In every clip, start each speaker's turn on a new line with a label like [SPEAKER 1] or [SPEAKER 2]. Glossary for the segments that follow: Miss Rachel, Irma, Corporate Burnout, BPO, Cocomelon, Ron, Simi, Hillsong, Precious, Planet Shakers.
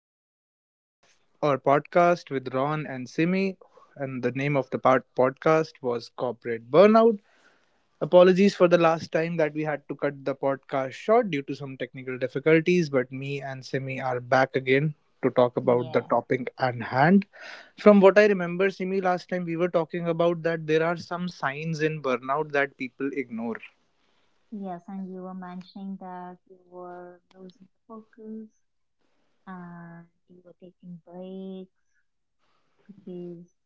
[SPEAKER 1] second part of our podcast with Ron and Simi. And the name of the part podcast was Corporate Burnout. Apologies for the last time that we had to cut the podcast short due to some technical difficulties, but me and Simi are back again to talk about the
[SPEAKER 2] Yeah,
[SPEAKER 1] topic at hand. From what I remember, Simi, last time we were talking about that there are some signs in burnout that people ignore.
[SPEAKER 2] yes, and you were mentioning that you were losing the focus and you were taking breaks because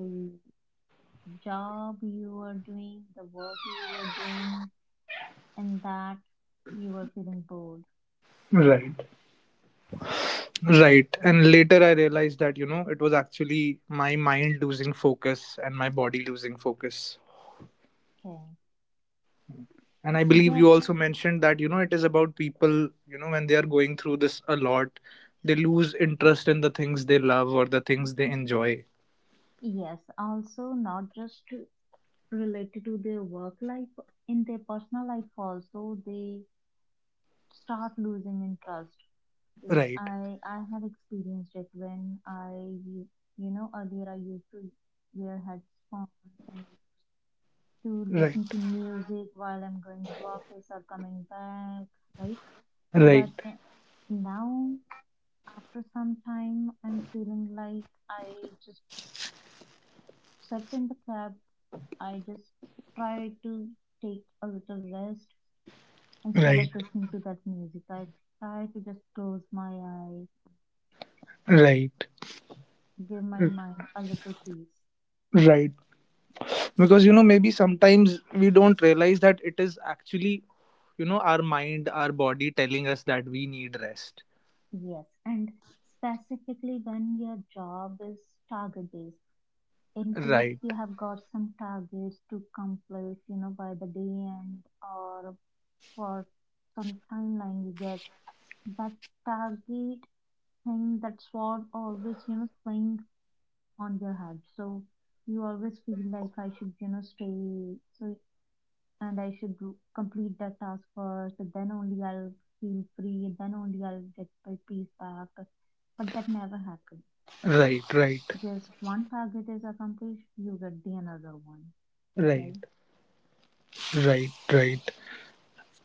[SPEAKER 2] the job you were doing, the work you were doing, and that you were feeling bored.
[SPEAKER 1] Right. Right. And later I realized that, you know, it was actually my mind losing focus and my body losing focus.
[SPEAKER 2] Okay.
[SPEAKER 1] And I
[SPEAKER 2] So
[SPEAKER 1] believe you
[SPEAKER 2] yes,
[SPEAKER 1] also mentioned that, you know, it is about people, you know, when they are going through this a lot, they lose interest in the things they love or the things they enjoy.
[SPEAKER 2] yes, also not just to- related to their work life, in their personal life also they start losing interest. Because
[SPEAKER 1] Right.
[SPEAKER 2] I have experienced it when u- you know, earlier I used to wear headphones and to
[SPEAKER 1] Right.
[SPEAKER 2] listen to music while I'm going to office or coming back, right?
[SPEAKER 1] Right.
[SPEAKER 2] But now after some time I'm feeling like I just sit in the cab, I just try to take a little rest instead
[SPEAKER 1] Right.
[SPEAKER 2] of listening to that music. I try to just close my eyes,
[SPEAKER 1] Right.
[SPEAKER 2] give my
[SPEAKER 1] r-
[SPEAKER 2] mind a little peace.
[SPEAKER 1] Right. Because, you know, maybe sometimes we don't realize that it is actually, you know, our mind, our body telling us that we need rest.
[SPEAKER 2] Yes, and specifically when your job is target based, in case
[SPEAKER 1] Right.
[SPEAKER 2] you have got some targets to complete, you know, by the day end or for some timeline you get, that target thing, that sword always, you know, playing on your head. So you always feel like I should, you know, stay so and complete that task first, then only I'll feel free, then only I'll get my peace back, but that never happens.
[SPEAKER 1] Right, right.
[SPEAKER 2] Because one target is accomplished, you get the another one,
[SPEAKER 1] Right,
[SPEAKER 2] right?
[SPEAKER 1] right, right.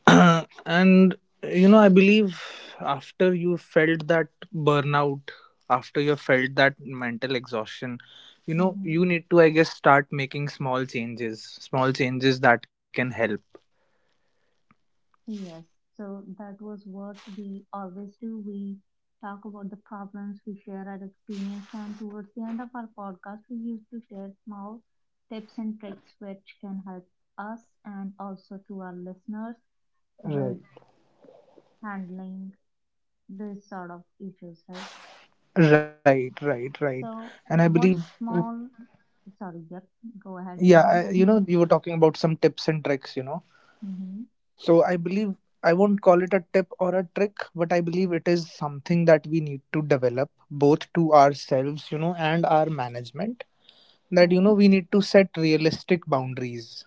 [SPEAKER 1] And you know, I believe after you felt that burnout, after you felt that mental exhaustion, you know,
[SPEAKER 2] Mm-hmm.
[SPEAKER 1] you need to, I guess, start making small changes that can help.
[SPEAKER 2] Yes, so that was what we always do. We talk about the problems, we share our experience, and towards the end of our podcast, we used to share small tips and tricks which can help us and also to our listeners with
[SPEAKER 1] Right,
[SPEAKER 2] handling this sort of issues, right?
[SPEAKER 1] right, right, right.
[SPEAKER 2] So,
[SPEAKER 1] And I
[SPEAKER 2] what
[SPEAKER 1] believe,
[SPEAKER 2] small, sorry, yep, go ahead,
[SPEAKER 1] yeah,
[SPEAKER 2] Ron.
[SPEAKER 1] I, you know, you were talking about some tips and tricks, you know.
[SPEAKER 2] Mm-hmm.
[SPEAKER 1] So I believe I won't call it a tip or a trick, but I believe it is something that we need to develop both to ourselves, you know, and our management. That, you
[SPEAKER 2] Mm-hmm.
[SPEAKER 1] know,
[SPEAKER 2] Okay,
[SPEAKER 1] we need to set realistic boundaries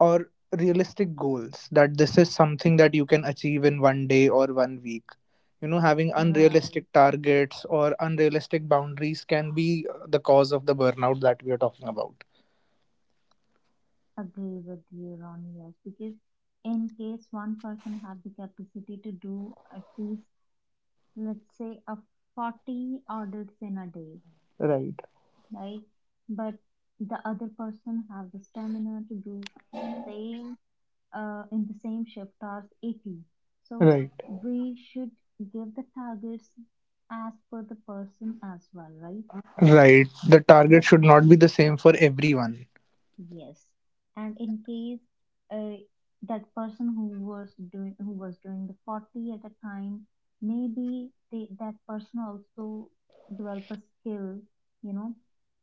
[SPEAKER 1] or realistic goals that this is something that you can achieve in one day or one week. You know, having
[SPEAKER 2] right.
[SPEAKER 1] unrealistic targets or unrealistic boundaries can be the cause of the burnout that we are talking about.
[SPEAKER 2] Agree with you, Ron. Yes, because in case one person have the capacity to do at least, let's say, a 40 orders in a day,
[SPEAKER 1] Right,
[SPEAKER 2] right? But the other person have the stamina to do the same in the same shift hours 80. So
[SPEAKER 1] right,
[SPEAKER 2] we should give the targets as per the person as well, right?
[SPEAKER 1] right. The target
[SPEAKER 2] But
[SPEAKER 1] should not be the same for everyone.
[SPEAKER 2] yes, and in case uh, that person who was doing the 40 at a time, maybe they, that person also develop a skill, you know,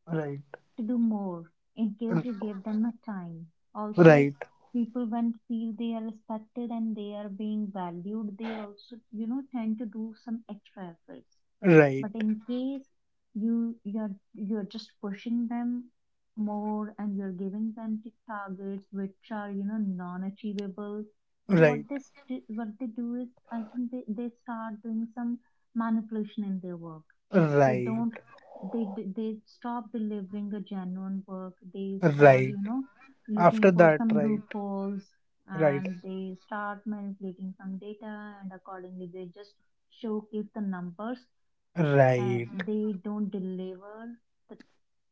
[SPEAKER 1] Right.
[SPEAKER 2] to do more in case you give them a time. Also,
[SPEAKER 1] Right,
[SPEAKER 2] people when feel they are respected and they are being valued, they also, you know, tend to do some extra efforts,
[SPEAKER 1] right,
[SPEAKER 2] but in case you're just pushing them more and you're giving them targets which are, you know, non-achievable, so
[SPEAKER 1] right,
[SPEAKER 2] what they do is, I think they start doing some manipulation in their work. They
[SPEAKER 1] right,
[SPEAKER 2] don't, they stop delivering a genuine work. They start,
[SPEAKER 1] right.
[SPEAKER 2] you know, looking
[SPEAKER 1] After
[SPEAKER 2] for
[SPEAKER 1] that,
[SPEAKER 2] some
[SPEAKER 1] right,
[SPEAKER 2] loopholes,
[SPEAKER 1] right,
[SPEAKER 2] and they start manipulating some data and accordingly they just showcase the numbers.
[SPEAKER 1] right.
[SPEAKER 2] They don't deliver the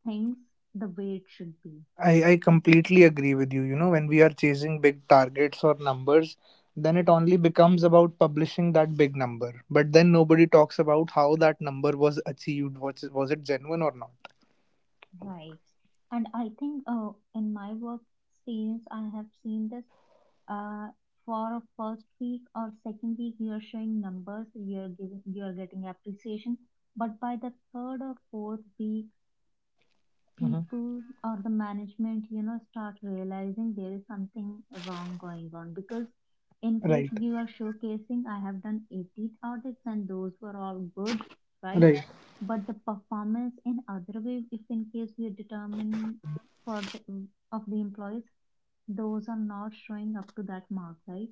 [SPEAKER 2] things the way it should be,
[SPEAKER 1] I completely agree with you. You know, when we are chasing big targets or numbers, then it only becomes about publishing that big number. But then nobody talks about how that number was achieved. Was it genuine or not?
[SPEAKER 2] right? And I think, in my work experience I have seen this, uh, for a first week or second week you're showing numbers, you're giving, you're getting appreciation, but by the third or fourth week,
[SPEAKER 1] Hmm.
[SPEAKER 2] people or the management, you know, start realizing there is something wrong going on because, in case
[SPEAKER 1] Right,
[SPEAKER 2] you are showcasing I have done 18 audits and those were all good, right?
[SPEAKER 1] right,
[SPEAKER 2] But the performance in other way, if in case we determine for the of the employees, those are not showing up to that mark, right?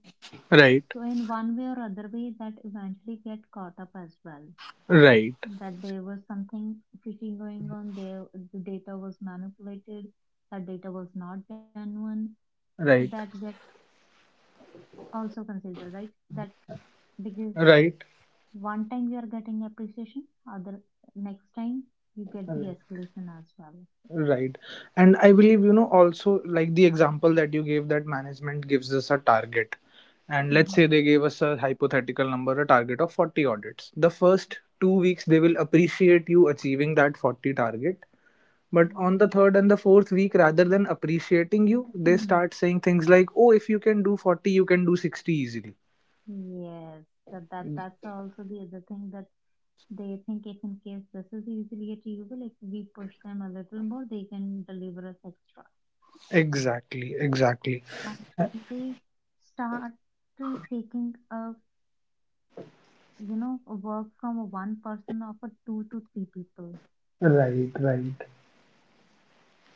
[SPEAKER 1] right,
[SPEAKER 2] So in one way or other way that eventually get caught up as well,
[SPEAKER 1] right,
[SPEAKER 2] that there was something fishy going on there. The data was manipulated, that data was not genuine, so
[SPEAKER 1] right,
[SPEAKER 2] that get also considered, right? That because
[SPEAKER 1] right.
[SPEAKER 2] one time you are getting appreciation, other next time you get the
[SPEAKER 1] Right.
[SPEAKER 2] escalation as well.
[SPEAKER 1] Right. And I believe, you know, also like the example that you gave that management gives us a target. And let's
[SPEAKER 2] Hmm,
[SPEAKER 1] say they gave us a hypothetical number, a target of 40 audits. The first 2 weeks, they will appreciate you achieving that 40 target. But on the
[SPEAKER 2] right.
[SPEAKER 1] third and the fourth week, rather than appreciating you, they
[SPEAKER 2] Hmm.
[SPEAKER 1] start saying things like, oh, if you can do 40, you can do 60 easily.
[SPEAKER 2] Yes, that's also the other thing, that they think if in case this is easily achievable, if we push them a little more, they can deliver us extra.
[SPEAKER 1] Exactly, exactly.
[SPEAKER 2] and,
[SPEAKER 1] Uh,
[SPEAKER 2] and they start to taking a, you know, a work from a one person of a two to three people.
[SPEAKER 1] Right, right.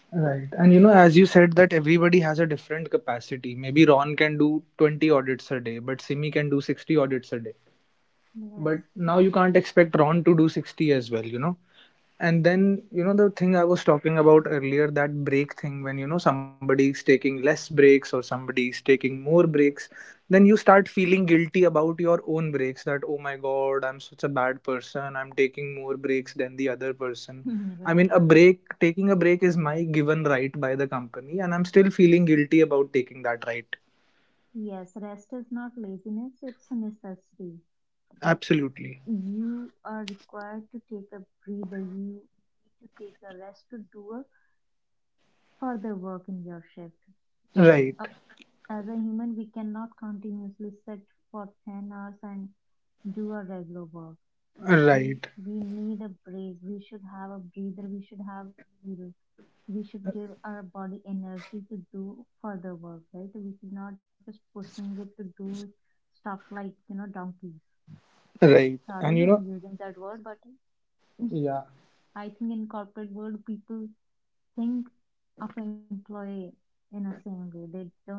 [SPEAKER 1] Right. And you know, as you said, that everybody has a different capacity. Maybe Ron can do 20 audits a day, but Simi can do 60 audits a day.
[SPEAKER 2] Yes.
[SPEAKER 1] But now you can't expect Ron to do 60 as well, you know? And then, you know, the thing I was talking about earlier, that break thing, when, you know, somebody is taking less breaks or somebody is taking more breaks, then you start feeling guilty about your own breaks that, oh my God, I'm such a bad person. I'm taking more breaks than the other person. I mean,
[SPEAKER 2] Right.
[SPEAKER 1] a break, taking a break is my given right by the company, and I'm still feeling guilty about taking that right.
[SPEAKER 2] Yes, rest is not laziness, it's a necessity. That's,
[SPEAKER 1] Absolutely.
[SPEAKER 2] you are required to take a breather, you need to take a rest to do a further work in your shift.
[SPEAKER 1] Right.
[SPEAKER 2] uh, as a human we cannot continuously sit for 10 hours and do a regular work. we
[SPEAKER 1] Right.
[SPEAKER 2] we need a break, we should have a breather, we should have meal, we should give our body energy to do further work, right? We should not just pushing it to do stuff like, you know, donkeys.
[SPEAKER 1] Right.
[SPEAKER 2] Sorry,
[SPEAKER 1] And, you
[SPEAKER 2] I'm
[SPEAKER 1] know,
[SPEAKER 2] using that word, but
[SPEAKER 1] yeah,
[SPEAKER 2] I think in corporate world people think of an employee in a same way. They don't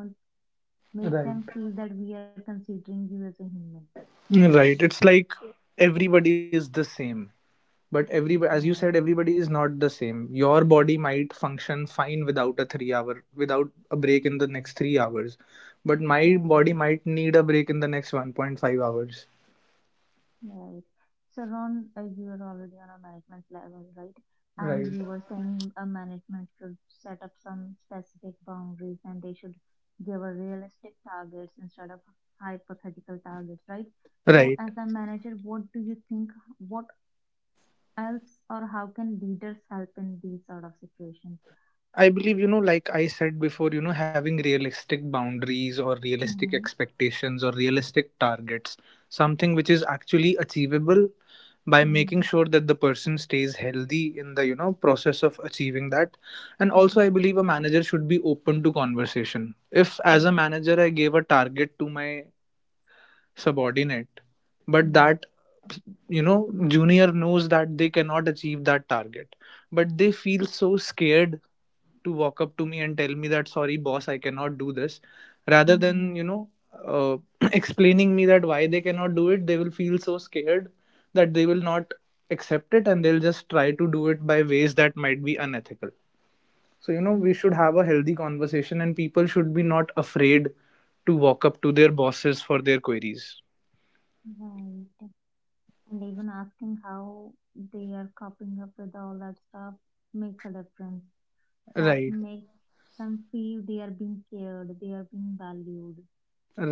[SPEAKER 2] make them
[SPEAKER 1] right.
[SPEAKER 2] feel that we are considering you as a human.
[SPEAKER 1] Right. It's like everybody is the same, but every, as you
[SPEAKER 2] Right,
[SPEAKER 1] said, everybody is not the same. Your body might function fine without a 3 hour, without a break in the next 3 hours, but
[SPEAKER 2] right.
[SPEAKER 1] my body might need a break in the next 1.5 hours.
[SPEAKER 2] Right. So, Ron, you are already on a management level, right? And
[SPEAKER 1] Right,
[SPEAKER 2] you were saying a management should set up some specific boundaries and they should give a realistic targets instead of hypothetical targets, right? So, as
[SPEAKER 1] right.
[SPEAKER 2] a manager, what do you think? What else or how can leaders help in these sort of situations?
[SPEAKER 1] I believe, you know, like I said before, you know, having realistic boundaries or realistic
[SPEAKER 2] Mm-hmm.
[SPEAKER 1] expectations or realistic targets, something which is actually achievable by
[SPEAKER 2] Mm-hmm.
[SPEAKER 1] making sure that the person stays healthy in the, you know, process of achieving that. And
[SPEAKER 2] Mm-hmm.
[SPEAKER 1] also, I believe a manager should be open to conversation. If, as a
[SPEAKER 2] Right.
[SPEAKER 1] manager, I gave a target to my subordinate, but that, you know, junior knows that they cannot achieve that target, but they feel so scared to walk up to me and tell me that sorry boss, I cannot do this, rather
[SPEAKER 2] Mm-hmm.
[SPEAKER 1] than, you know, uh, explaining me that why they cannot do it. They will feel so scared that they will not accept it, and they'll just try to do it by ways that might be unethical. So, you know, we should have a healthy conversation and people should be not afraid to walk up to their bosses for their queries.
[SPEAKER 2] Right. And even asking how they are coping up with all that stuff makes a difference. That
[SPEAKER 1] Right,
[SPEAKER 2] makes them feel they are being cared, they are being valued,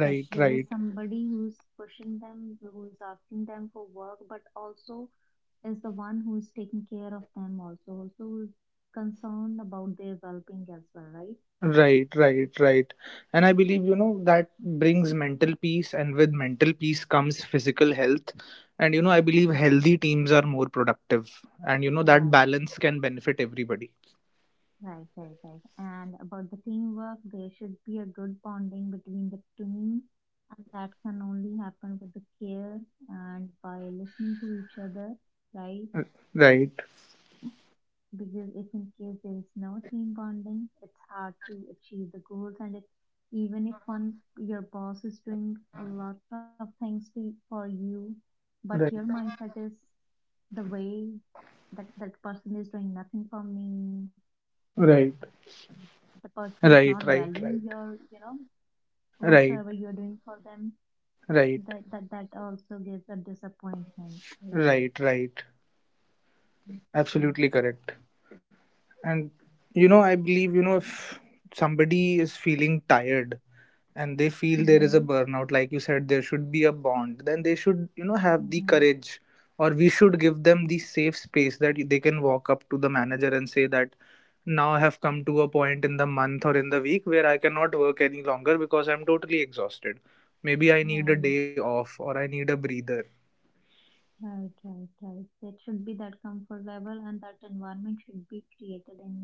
[SPEAKER 2] that there is
[SPEAKER 1] right.
[SPEAKER 2] somebody who's pushing them, who's asking them for work, but also is the one who's taking care of them, also, also who's concerned about their well being as well, right?
[SPEAKER 1] Right, right, right. And I believe, you know, that brings mental peace, and with mental peace comes physical health. And, you know, I believe
[SPEAKER 2] Mm.
[SPEAKER 1] healthy teams are more productive. And, you know, that
[SPEAKER 2] Right.
[SPEAKER 1] balance can benefit everybody.
[SPEAKER 2] Right, right, right. And about the teamwork, there should be a good bonding between the teams, and that can only happen with the care and by listening to each other, right?
[SPEAKER 1] Right,
[SPEAKER 2] Because if in case there is no team bonding, it's hard to achieve the goals, and it, even if one your boss is doing a lot of things to for you, but your
[SPEAKER 1] right,
[SPEAKER 2] mindset is the way that that person is doing nothing for me, and
[SPEAKER 1] right,
[SPEAKER 2] the person is not valuing
[SPEAKER 1] right, right,
[SPEAKER 2] your, you
[SPEAKER 1] right,
[SPEAKER 2] know, whatsoever you are
[SPEAKER 1] right,
[SPEAKER 2] doing for them, that that
[SPEAKER 1] right,
[SPEAKER 2] that also gives a disappointment, right?
[SPEAKER 1] right, right.
[SPEAKER 2] Okay.
[SPEAKER 1] Absolutely correct. And, you know, I believe, you know, if somebody is feeling tired, and they feel
[SPEAKER 2] Mm-hmm.
[SPEAKER 1] there is a burnout, like you said, there should be a bond, then they should, you know,
[SPEAKER 2] Mm-hmm.
[SPEAKER 1] have the courage or we should give them the safe space that they can walk up to the manager and say that now I have come to a point in the month or in the week where I cannot work any longer because I'm totally exhausted. Maybe I
[SPEAKER 2] right
[SPEAKER 1] need a day off or I need a breather.
[SPEAKER 2] right right right that should be that comfort level, and that environment should be created in the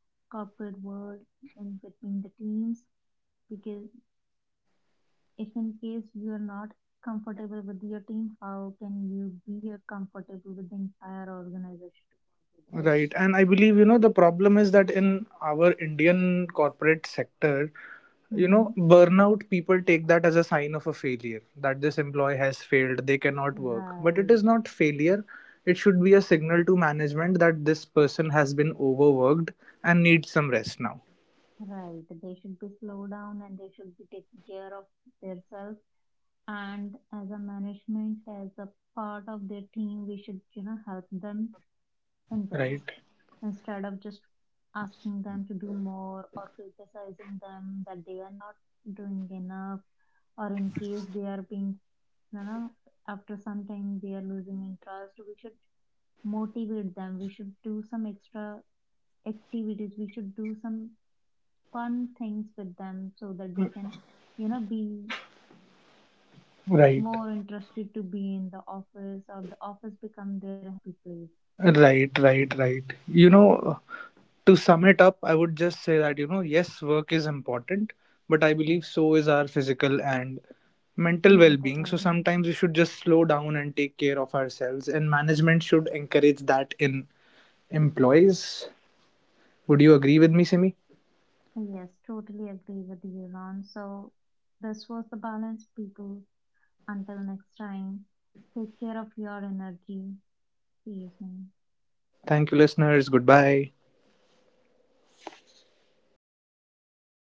[SPEAKER 2] corporate world and between the teams, because if in case you are not comfortable with your team, how can you be, comfortable with the entire organization to work with, right?
[SPEAKER 1] Right. And I believe, you know, the problem is that in our Indian corporate sector, you
[SPEAKER 2] Mm-hmm.
[SPEAKER 1] know, burnout, people take that as a sign of a failure, that this employee has failed, they cannot work. But it
[SPEAKER 2] Right,
[SPEAKER 1] is not failure. It should be a signal to management that this person has been overworked and needs some rest now.
[SPEAKER 2] right. They should be slow down and they should be taking care of themselves. And as a management, as a part of their team, we should, you know, help them in this
[SPEAKER 1] Right.
[SPEAKER 2] instead of just asking them to do more or criticizing them that they are not doing enough, or in case they are being, you know, after some time they are losing interest. We should motivate them. We should do some extra activities. We should do some fun things with them so that they can, you know, be
[SPEAKER 1] Right.
[SPEAKER 2] more interested to be in the office or the office become their happy place.
[SPEAKER 1] Right. Right. Right. You know, to sum it up, I would just say that, you know, yes, work is important, but I believe so is our physical and mental
[SPEAKER 2] Mental
[SPEAKER 1] well-being. So
[SPEAKER 2] well-being.
[SPEAKER 1] sometimes we should just slow down and take care of ourselves, and management should encourage that in employees. Would you agree with me, Simi?
[SPEAKER 2] Yes, totally agree with you, Ron. So this was the balance, people. Until next time, take care of your energy. See you soon.
[SPEAKER 1] Thank you, listeners. Goodbye.